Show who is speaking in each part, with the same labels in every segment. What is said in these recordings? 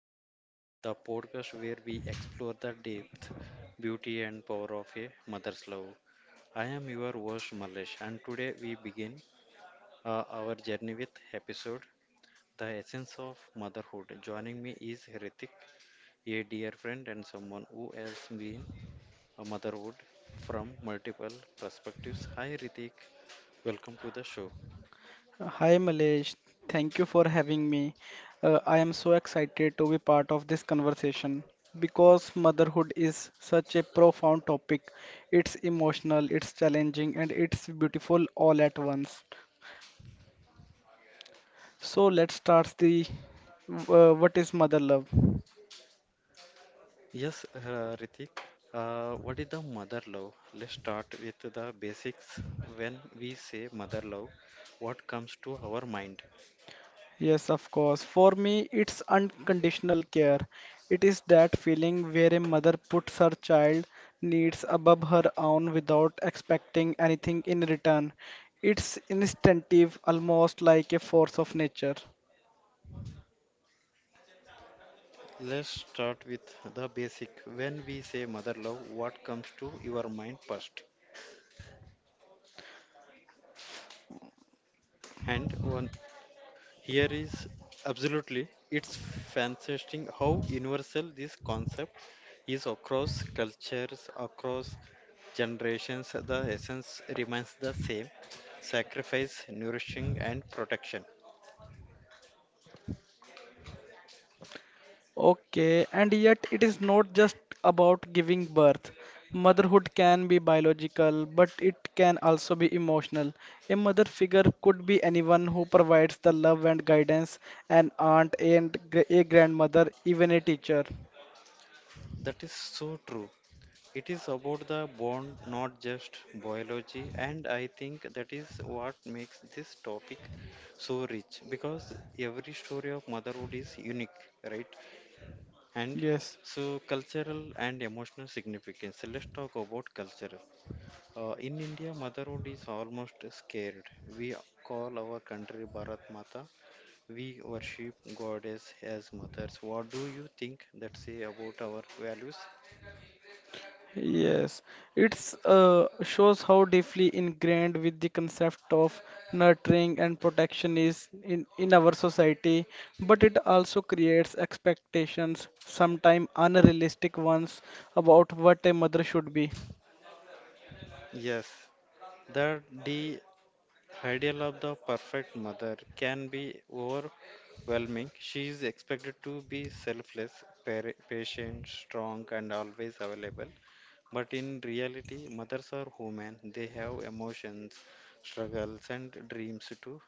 Speaker 1: Love, the podcast where we explore the depth, beauty, and power of a mother's love. I am your host, Malesh, and today we begin our journey with episode The Essence of Motherhood. Joining me is Ritik, a dear friend and someone who has been a motherhood from multiple perspectives. Hi, Ritik, welcome to the show.
Speaker 2: Hi Malesh, thank you for having me. I am so excited to be part of this conversation because motherhood is such a profound topic. It's emotional, it's challenging, and it's beautiful all at once. So let's start the what is mother love?
Speaker 1: Yes, Ritik. What is the mother love? Let's start with the basics. When we say mother love, what comes to our mind?
Speaker 2: Yes, of course. For me, it's unconditional care. It is that feeling where a mother puts her child needs above her own without expecting anything in return. It's instinctive, almost like a force of nature.
Speaker 1: Let's start with the basic. When we say mother love, what comes to your mind first? And one here is absolutely it's fascinating how universal this concept is across cultures, across generations, the essence remains the same sacrifice, nourishing, and protection.
Speaker 2: Okay, and yet it is not just about giving birth. Motherhood can be biological, but it can also be emotional. A mother figure could be anyone who provides the love and guidance, an aunt, and a grandmother, even a teacher.
Speaker 1: That is so true. It is about the bond, not just biology, and I think that is what makes this topic so rich because every story of motherhood is unique, right? And
Speaker 2: Yes.
Speaker 1: so, cultural and emotional significance. Let's talk about cultural. In India, motherhood is almost scared. We call our country Bharat Mata. We worship goddess as mothers. What do you think that say about our values?
Speaker 2: Yes, it's shows how deeply ingrained with the concept of nurturing and protection is in our society, but it also creates expectations, sometimes unrealistic ones, about what a mother should be.
Speaker 1: Yes, that the ideal of the perfect mother can be overwhelming. She is expected to be selfless, patient, strong, and always available. But in reality, mothers are human. They have emotions, struggles, and dreams too.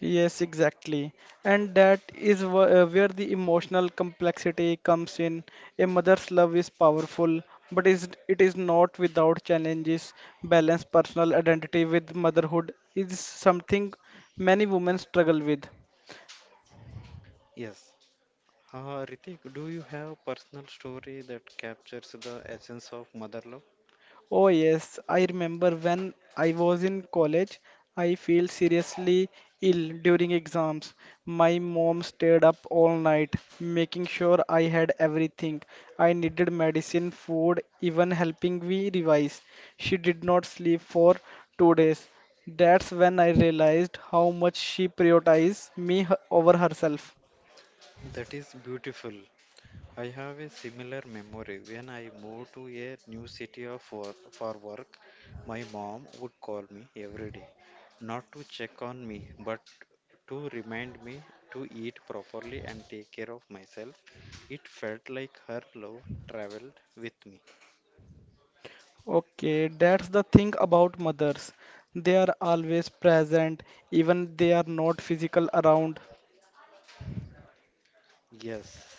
Speaker 2: Yes, exactly. And that is where the emotional complexity comes in. A mother's love is powerful, but is it is not without challenges. Balance personal identity with motherhood is something many women struggle with.
Speaker 1: Yes. Ritik, do you have personal story that captures the essence of mother love?
Speaker 2: Oh, yes, I remember when I was in college, I feel seriously ill during exams. My mom stayed up all night, making sure I had everything. I needed medicine, food, even helping me revise. She did not sleep for 2 days. That's when I realized how much she prioritized over herself.
Speaker 1: That is beautiful. I have a similar memory. When I moved to a new city of for work, my mom would call me every day, not to check on me, but to remind me to eat properly and take care of myself. It felt like her love traveled with me.
Speaker 2: Okay, that's the thing about mothers. They are always present, even they are not physical around.
Speaker 1: Yes,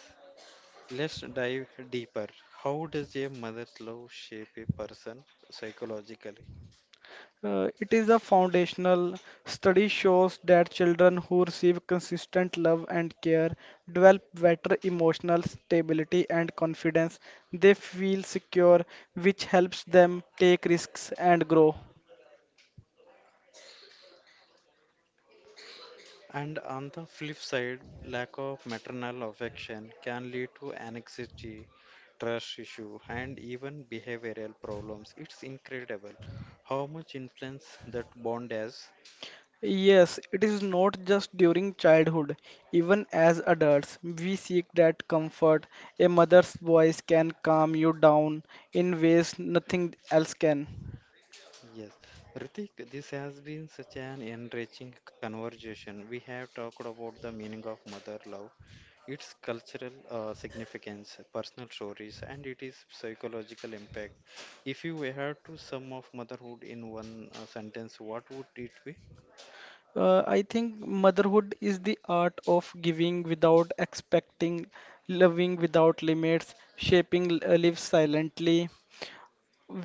Speaker 1: let's dive deeper. How does a mother's love shape a person psychologically?
Speaker 2: It is a foundational study shows that children who receive consistent love and care develop better emotional stability and confidence. They feel secure, which helps them take risks and grow.
Speaker 1: And on the flip side, lack of maternal affection can lead to anxiety, trust issue, and even behavioral problems. It's incredible how much influence that bond has.
Speaker 2: Yes, it is not just during childhood. Even as adults, we seek that comfort. A mother's voice can calm you down in ways nothing else can.
Speaker 1: Yes, Ritik, this has been such an enriching conversation. We have talked about the meaning of mother love. Its cultural significance, personal stories, and it is psychological impact. If you had to sum of motherhood in one sentence, what would it be?
Speaker 2: I think motherhood is the art of giving without expecting, loving without limits, shaping lives silently.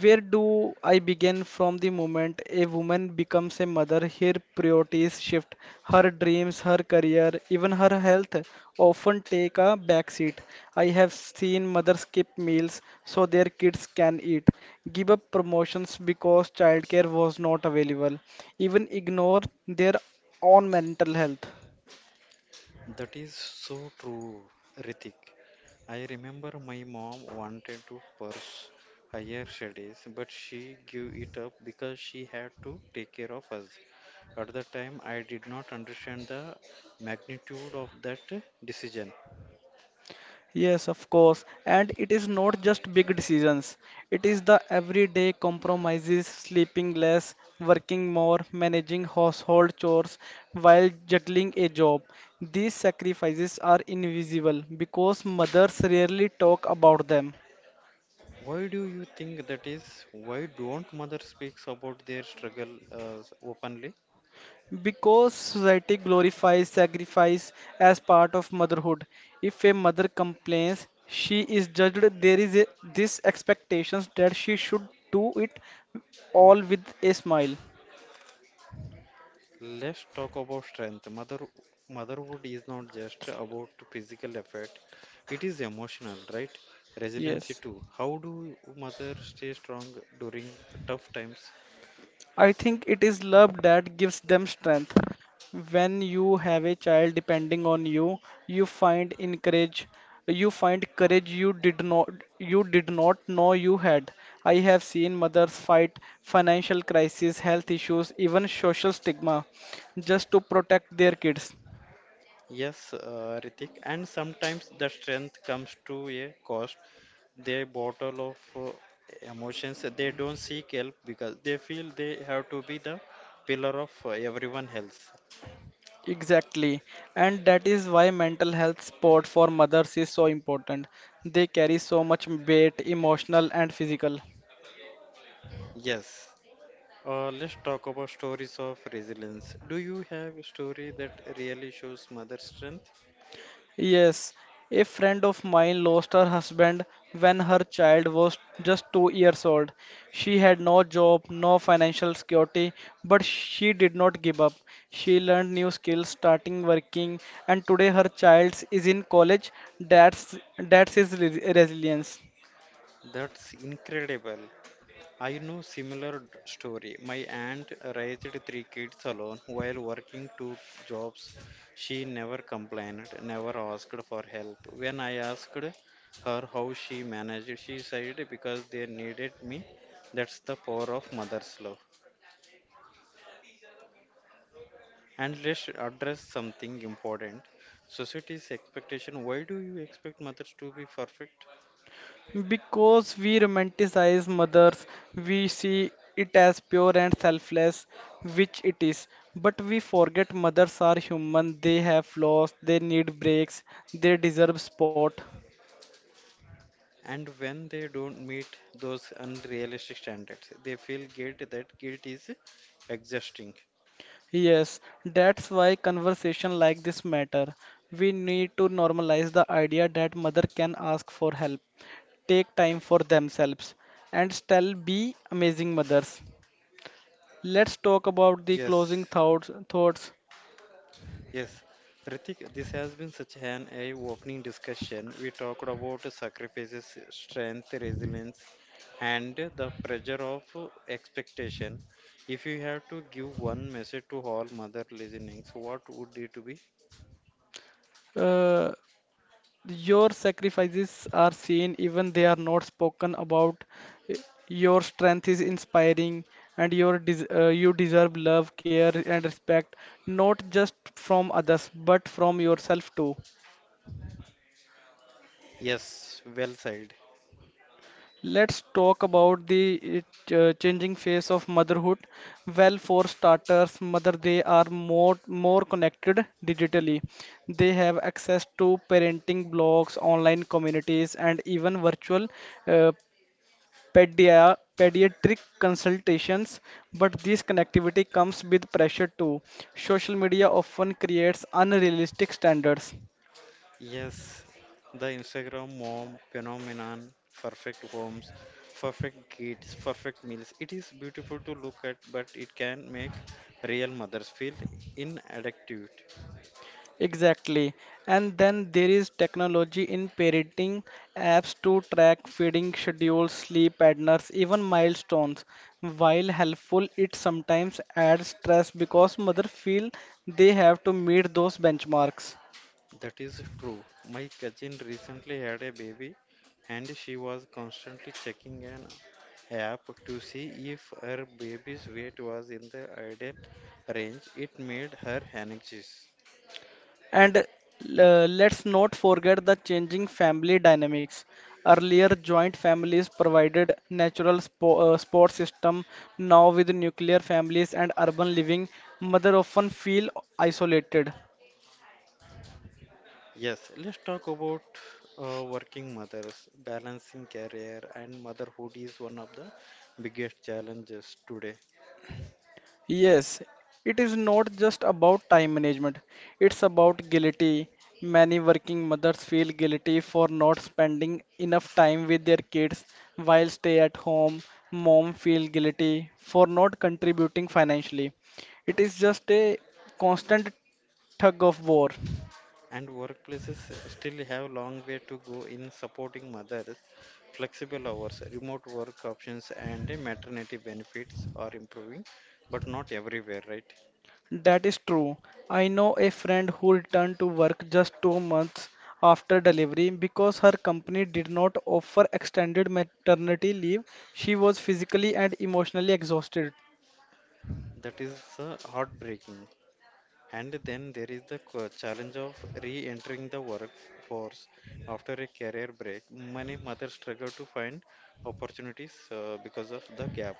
Speaker 2: Where do I begin from the moment a woman becomes a mother? Her priorities shift, her dreams, her career, even her health often take a backseat. I have seen mothers skip meals so their kids can eat, give up promotions because childcare was not available, even ignore their own mental health.
Speaker 1: That is so true, Ritik. I remember my mom wanted to pursue higher studies, but she gave it up because she had to take care of us. At the time, I did not understand the magnitude of that decision.
Speaker 2: Yes, of course. And it is not just big decisions. It is the everyday compromises, sleeping less, working more, managing household chores while juggling a job. These sacrifices are invisible because mothers rarely talk about them.
Speaker 1: Why do you think that is? Why don't mother speaks about their struggle openly?
Speaker 2: Because society glorifies sacrifice as part of motherhood. If a mother complains, she is judged. There is a, this expectations that she should do it all with a smile.
Speaker 1: Let's talk about strength. Motherhood is not just about physical effort. It is emotional, right? Resiliency
Speaker 2: Yes.
Speaker 1: too. How do mother stay strong during tough times?
Speaker 2: I think it is love that gives them strength. When you have a child depending on you, you find encourage, you find courage you did not know you had. I have seen mothers fight financial crisis, health issues, even social stigma just to protect their kids.
Speaker 1: Yes, Ritik. And sometimes the strength comes to a cost. Their bottle of emotions, they don't seek help because they feel they have to be the pillar of everyone else.
Speaker 2: Exactly. And that is why mental health support for mothers is so important. They carry so much weight, emotional and physical.
Speaker 1: Yes, let's talk about stories of resilience. Do you have a story that really shows mother strength?
Speaker 2: Yes, a friend of mine lost her husband when her child was just 2 years old. She had no job, no financial security, but she did not give up. She learned new skills, starting working, and today her child is in college. That's his resilience.
Speaker 1: That's incredible. I know similar story. My aunt raised three kids alone while working two jobs. She never complained, never asked for help. When I asked her how she managed, she said because they needed me. That's the power of mother's love. And let's address something important. Society's expectation. Why do you expect mothers to be perfect?
Speaker 2: Because we romanticize mothers, we see it as pure and selfless, which it is. But we forget mothers are human, they have flaws, they need breaks, they deserve support.
Speaker 1: And when they don't meet those unrealistic standards, they feel guilt. That guilt is exhausting.
Speaker 2: Yes, that's why conversation like this matter. We need to normalize the idea that mother can ask for help, take time for themselves, and still be amazing mothers. Let's talk about the closing
Speaker 1: Yes,
Speaker 2: thoughts. Thoughts.
Speaker 1: yes. Ritik, this has been such an eye-opening discussion. We talked about sacrifices, strength, resilience, and the pressure of expectation. If you have to give one message to all mother listenings, what would it be?
Speaker 2: Uh, Your sacrifices are seen even they are not spoken about. Your strength is inspiring and your you deserve love, care and respect not just from others but from yourself too.
Speaker 1: Yes, well said.
Speaker 2: Let's talk about the changing face of motherhood. Well, for starters, mother they are more connected digitally. They have access to parenting blogs, online communities, and even virtual uh, pediatric consultations, but this connectivity comes with pressure too. Social media often creates unrealistic standards.
Speaker 1: Yes, the Instagram mom phenomenon, perfect homes, perfect kids, perfect meals. It is beautiful to look at, but it can make real mothers feel inadequate.
Speaker 2: Exactly. And then there is technology in parenting apps to track feeding schedules, sleep patterns, even milestones. While helpful, it sometimes adds stress because mothers feel they have to meet those benchmarks.
Speaker 1: That is true. My cousin recently had a baby and she was constantly checking an app to see if her baby's weight was in the ideal range. It made her anxious.
Speaker 2: And let's not forget the changing family dynamics. Earlier, joint families provided natural spo support system. Now, with nuclear families and urban living, mother often feel isolated.
Speaker 1: Yes, let's talk about working mothers. Balancing career and motherhood is one of the biggest challenges today,
Speaker 2: Yes, it is not just about time management. It's about guilty. Many working mothers feel guilty for not spending enough time with their kids while stay at home. Mom feel guilty for not contributing financially. It is just a constant tug of war.
Speaker 1: and workplaces still have long way to go in supporting mothers. Flexible hours, remote work options, and maternity benefits are improving, but not everywhere, right?
Speaker 2: That is true. I know a friend who returned to work just 2 months after delivery because her company did not offer extended maternity leave. She was physically and emotionally exhausted.
Speaker 1: That is heartbreaking. And then there is the challenge of re entering the workforce after a career break. Many mothers struggle to find opportunities because of the gap.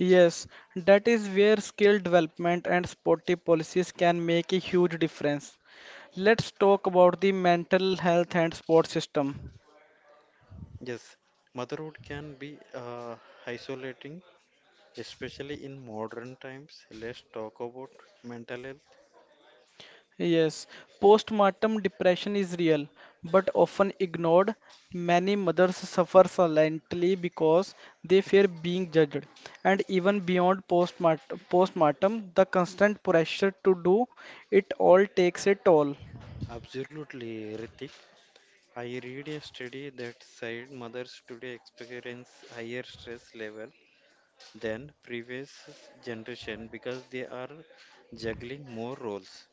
Speaker 2: Yes, that is where skill development and supportive policies can make a huge difference. Let's talk about the mental health and support system.
Speaker 1: Yes, motherhood can be isolating, especially in modern times. Let's talk about mental health.
Speaker 2: Yes, postmortem depression is real, but often ignored. Many mothers suffer silently because they fear being judged. And even beyond postmortem, postpartum, the constant pressure to do it all takes a toll.
Speaker 1: Absolutely, Ritik. I read a study that said mothers today experience higher stress level than previous generation because they are juggling more roles.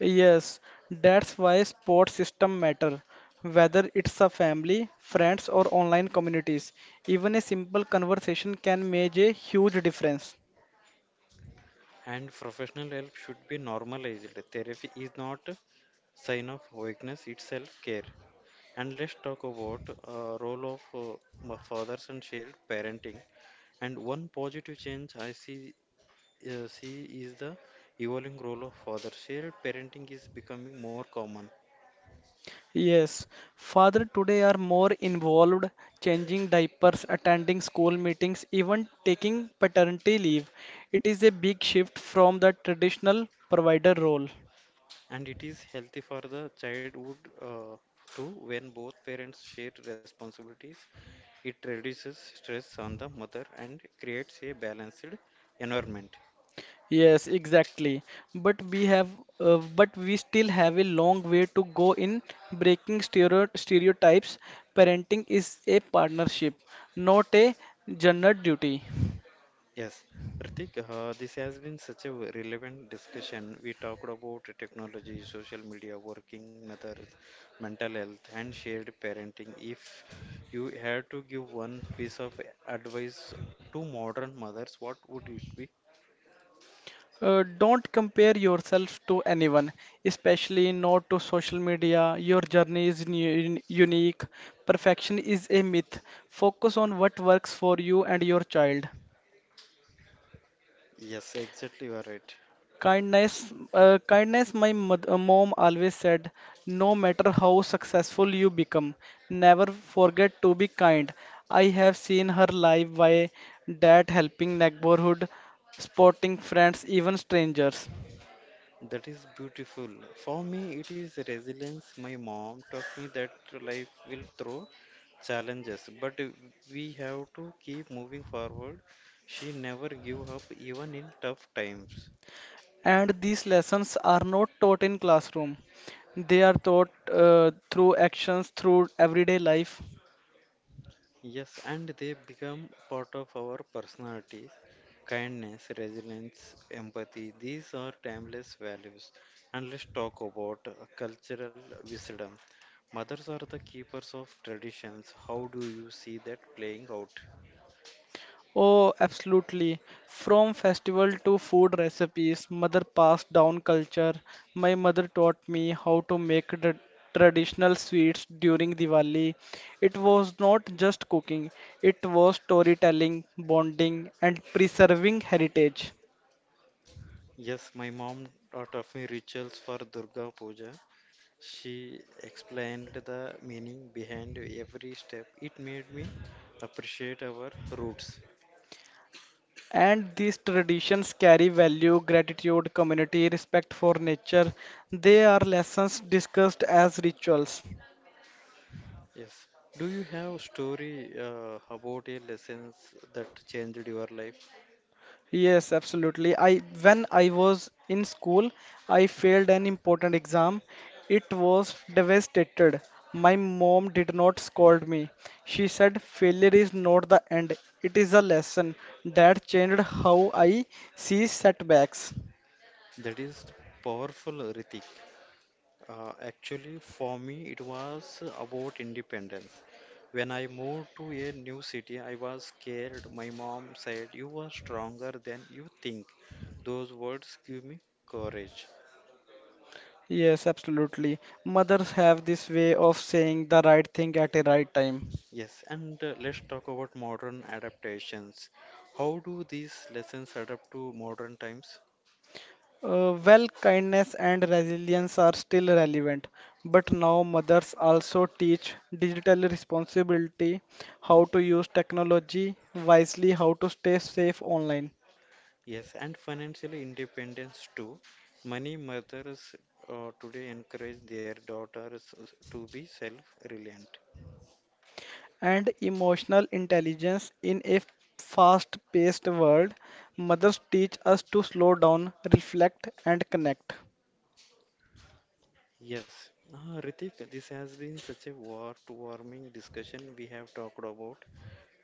Speaker 2: Yes, that's why support system matter. Whether it's a family, friends, or online communities, even a simple conversation can make a huge difference.
Speaker 1: And professional help should be normalized. Therapy is not a sign of weakness, it's self-care. And let's talk about role of fathers and shared parenting. And one positive change I see is the evolving role of father. Shared parenting is becoming more common,
Speaker 2: Yes, father today are more involved, changing diapers, attending school meetings, even taking paternity leave. It is a big shift from the traditional provider role.
Speaker 1: and it is healthy for the childhood uh, too. When both parents share responsibilities, it reduces stress on the mother and creates a balanced environment.
Speaker 2: Yes, exactly. But we have, but we still have a long way to go in breaking stereotypes. Parenting is a partnership, not a general duty.
Speaker 1: Yes, Pratik, this has been such a relevant discussion. We talked about technology, social media, working mothers, mental health, and shared parenting. If you had to give one piece of advice to modern mothers, what would it be?
Speaker 2: Don't compare yourself to anyone, especially not to social media. Your journey is unique. Perfection is a myth. Focus on what works for you and your child.
Speaker 1: Yes, exactly, you are right.
Speaker 2: Kindness, kindness. My mom always said, no matter how successful you become, never forget to be kind. I have seen her live by that helping neighborhood, supporting friends, even strangers.
Speaker 1: That is beautiful. For me, it is resilience. My mom taught me that life will throw challenges, but we have to keep moving forward. She never give up, even in tough times.
Speaker 2: And these lessons are not taught in classroom, they are taught through actions through everyday life.
Speaker 1: Yes, and they become part of our personalities. Kindness, resilience, empathy, these are timeless values. And let's talk about cultural wisdom. Mothers are the keepers of traditions. How do you see that playing out?
Speaker 2: Oh, absolutely. From festival to food recipes mother passed down culture. My mother taught me how to make traditional sweets during Diwali. It was not just cooking, it was storytelling, bonding and preserving heritage.
Speaker 1: Yes, my mom taught of me rituals for Durga Puja. She explained the meaning behind every step. It made me appreciate our roots.
Speaker 2: And these traditions carry value, gratitude, community, respect for nature. They are lessons discussed as rituals.
Speaker 1: Yes. Do you have a story about a lessons that changed your life?
Speaker 2: Yes, absolutely. I When I was in school, I failed an important exam. It was devastated. My mom did not scold me. She said failure is not the end. It is a lesson that changed how I see setbacks.
Speaker 1: That is powerful, Ritik. Actually, for me, it was about independence. When I moved to a new city, I was scared. My mom said, "You are stronger than you think." Those words give me courage.
Speaker 2: Yes, absolutely. Mothers have this way of saying the right thing at a right time.
Speaker 1: Yes, and let's talk about modern adaptations. How do these lessons adapt to modern times?
Speaker 2: Well, kindness and resilience are still relevant, but now mothers also teach digital responsibility, how to use technology wisely, how to stay safe online,
Speaker 1: Yes, and financial independence too. Many mothers today encourage their daughters to be self reliant.
Speaker 2: and emotional intelligence in a fast-paced world. Mothers teach us to slow down, reflect, and connect.
Speaker 1: Yes, Ritik, this has been such a heartwarming discussion. We have talked about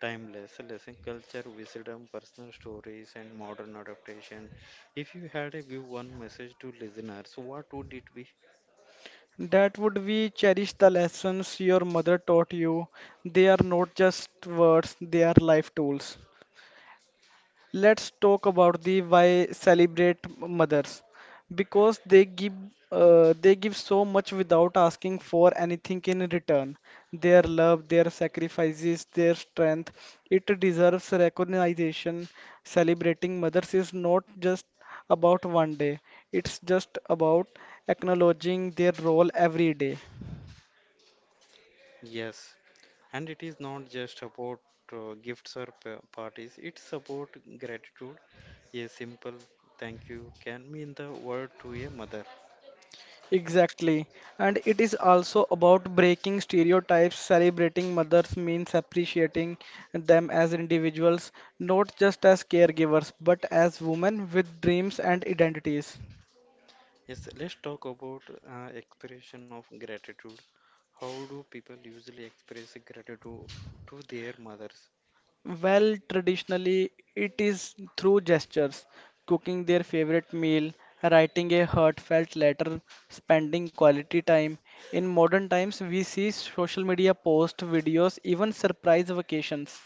Speaker 1: timeless lesson, culture, wisdom, personal stories, and modern adaptation. If you had to give one message to listeners, what would it be?
Speaker 2: That would be cherish the lessons your mother taught you. They are not just words, they are life tools. Let's talk about the why celebrate mothers because they give so much without asking for anything in return. Their love, their sacrifices, their strength, it deserves recognition. Celebrating mothers is not just about one day, it's just about acknowledging their role every day.
Speaker 1: Yes, and it is not just about gifts or parties, it's about gratitude. A simple thank you can mean the world to a mother.
Speaker 2: Exactly. And it is also about breaking stereotypes, celebrating mothers means appreciating them as individuals, not just as caregivers, but as women with dreams and identities.
Speaker 1: Yes, let's talk about expression of gratitude. How do people usually express gratitude to their mothers?
Speaker 2: Well, traditionally, it is through gestures, cooking their favorite meal, writing a heartfelt letter, spending quality time. In modern times, we see social media posts, videos, even surprise vacations.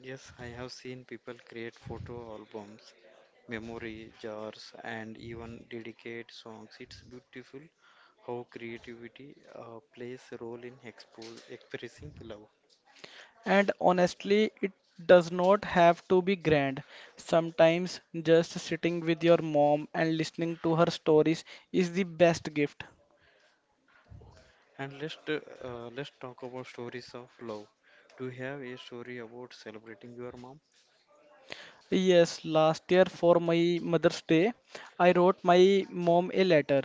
Speaker 1: Yes, I have seen people create photo albums, memory jars, and even dedicate songs. It's beautiful how creativity plays a role in expo expressing love.
Speaker 2: And honestly, it does not have to be grand. Sometimes just sitting with your mom and listening to her stories is the best gift.
Speaker 1: And let's talk about stories of love. Do you have a story about celebrating your mom?
Speaker 2: Yes, last year for my Mother's Day, I wrote my mom a letter,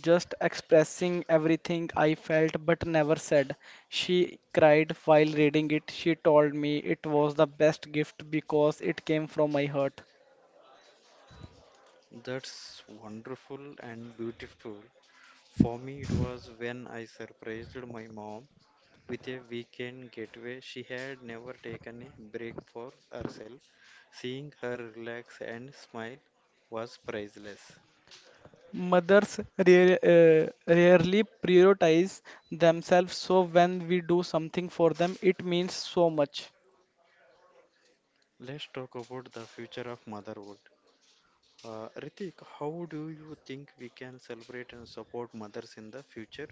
Speaker 2: just expressing everything I felt but never said. She cried while reading it. She told me it was the best gift because it came from my heart.
Speaker 1: That's wonderful and beautiful. For me, it was when I surprised my mom with a weekend getaway. She had never taken a break for herself. Seeing her relax and smile was priceless.
Speaker 2: Mothers rare, uh, rarely prioritize themselves, so when we do something for them, it means so much.
Speaker 1: Let's talk about the future of motherhood. Ritik, how do you think we can celebrate and support mothers in the future?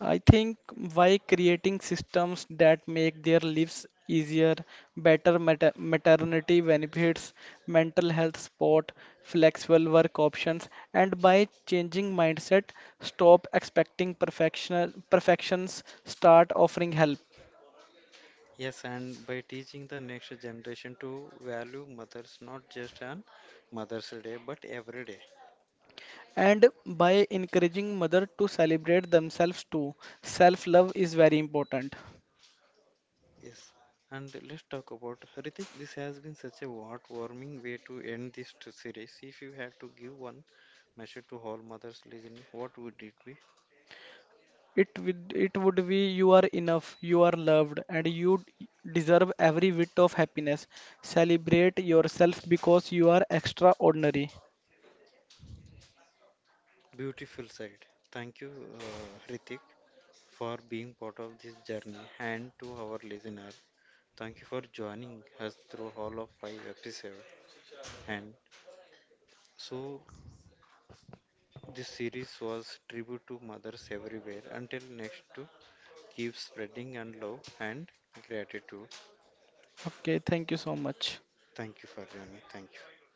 Speaker 2: I think by creating systems that make their lives easier, better maternity benefits, mental health support, flexible work options, and by changing mindset, stop expecting perfection, perfections, start offering help.
Speaker 1: Yes, and by teaching the next generation to value mothers not just on Mother's Day but every day.
Speaker 2: And by encouraging mother to celebrate themselves too, self love is very important.
Speaker 1: Yes, and let's talk about Ritik. This has been such a heartwarming way to end this series. If you had to give one message to all mothers listening, what would it be?
Speaker 2: It would, it would be you are enough, you are loved and you deserve every bit of happiness. Celebrate yourself because you are extraordinary.
Speaker 1: Beautiful side. Thank you, Ritik, for being part of this journey, and to our listener, thank you for joining us through all of 5 episodes. And so, this series was tribute to mothers everywhere. Until next, to keep spreading and love and gratitude.
Speaker 2: Okay, thank you so much.
Speaker 1: Thank you for joining. Thank you.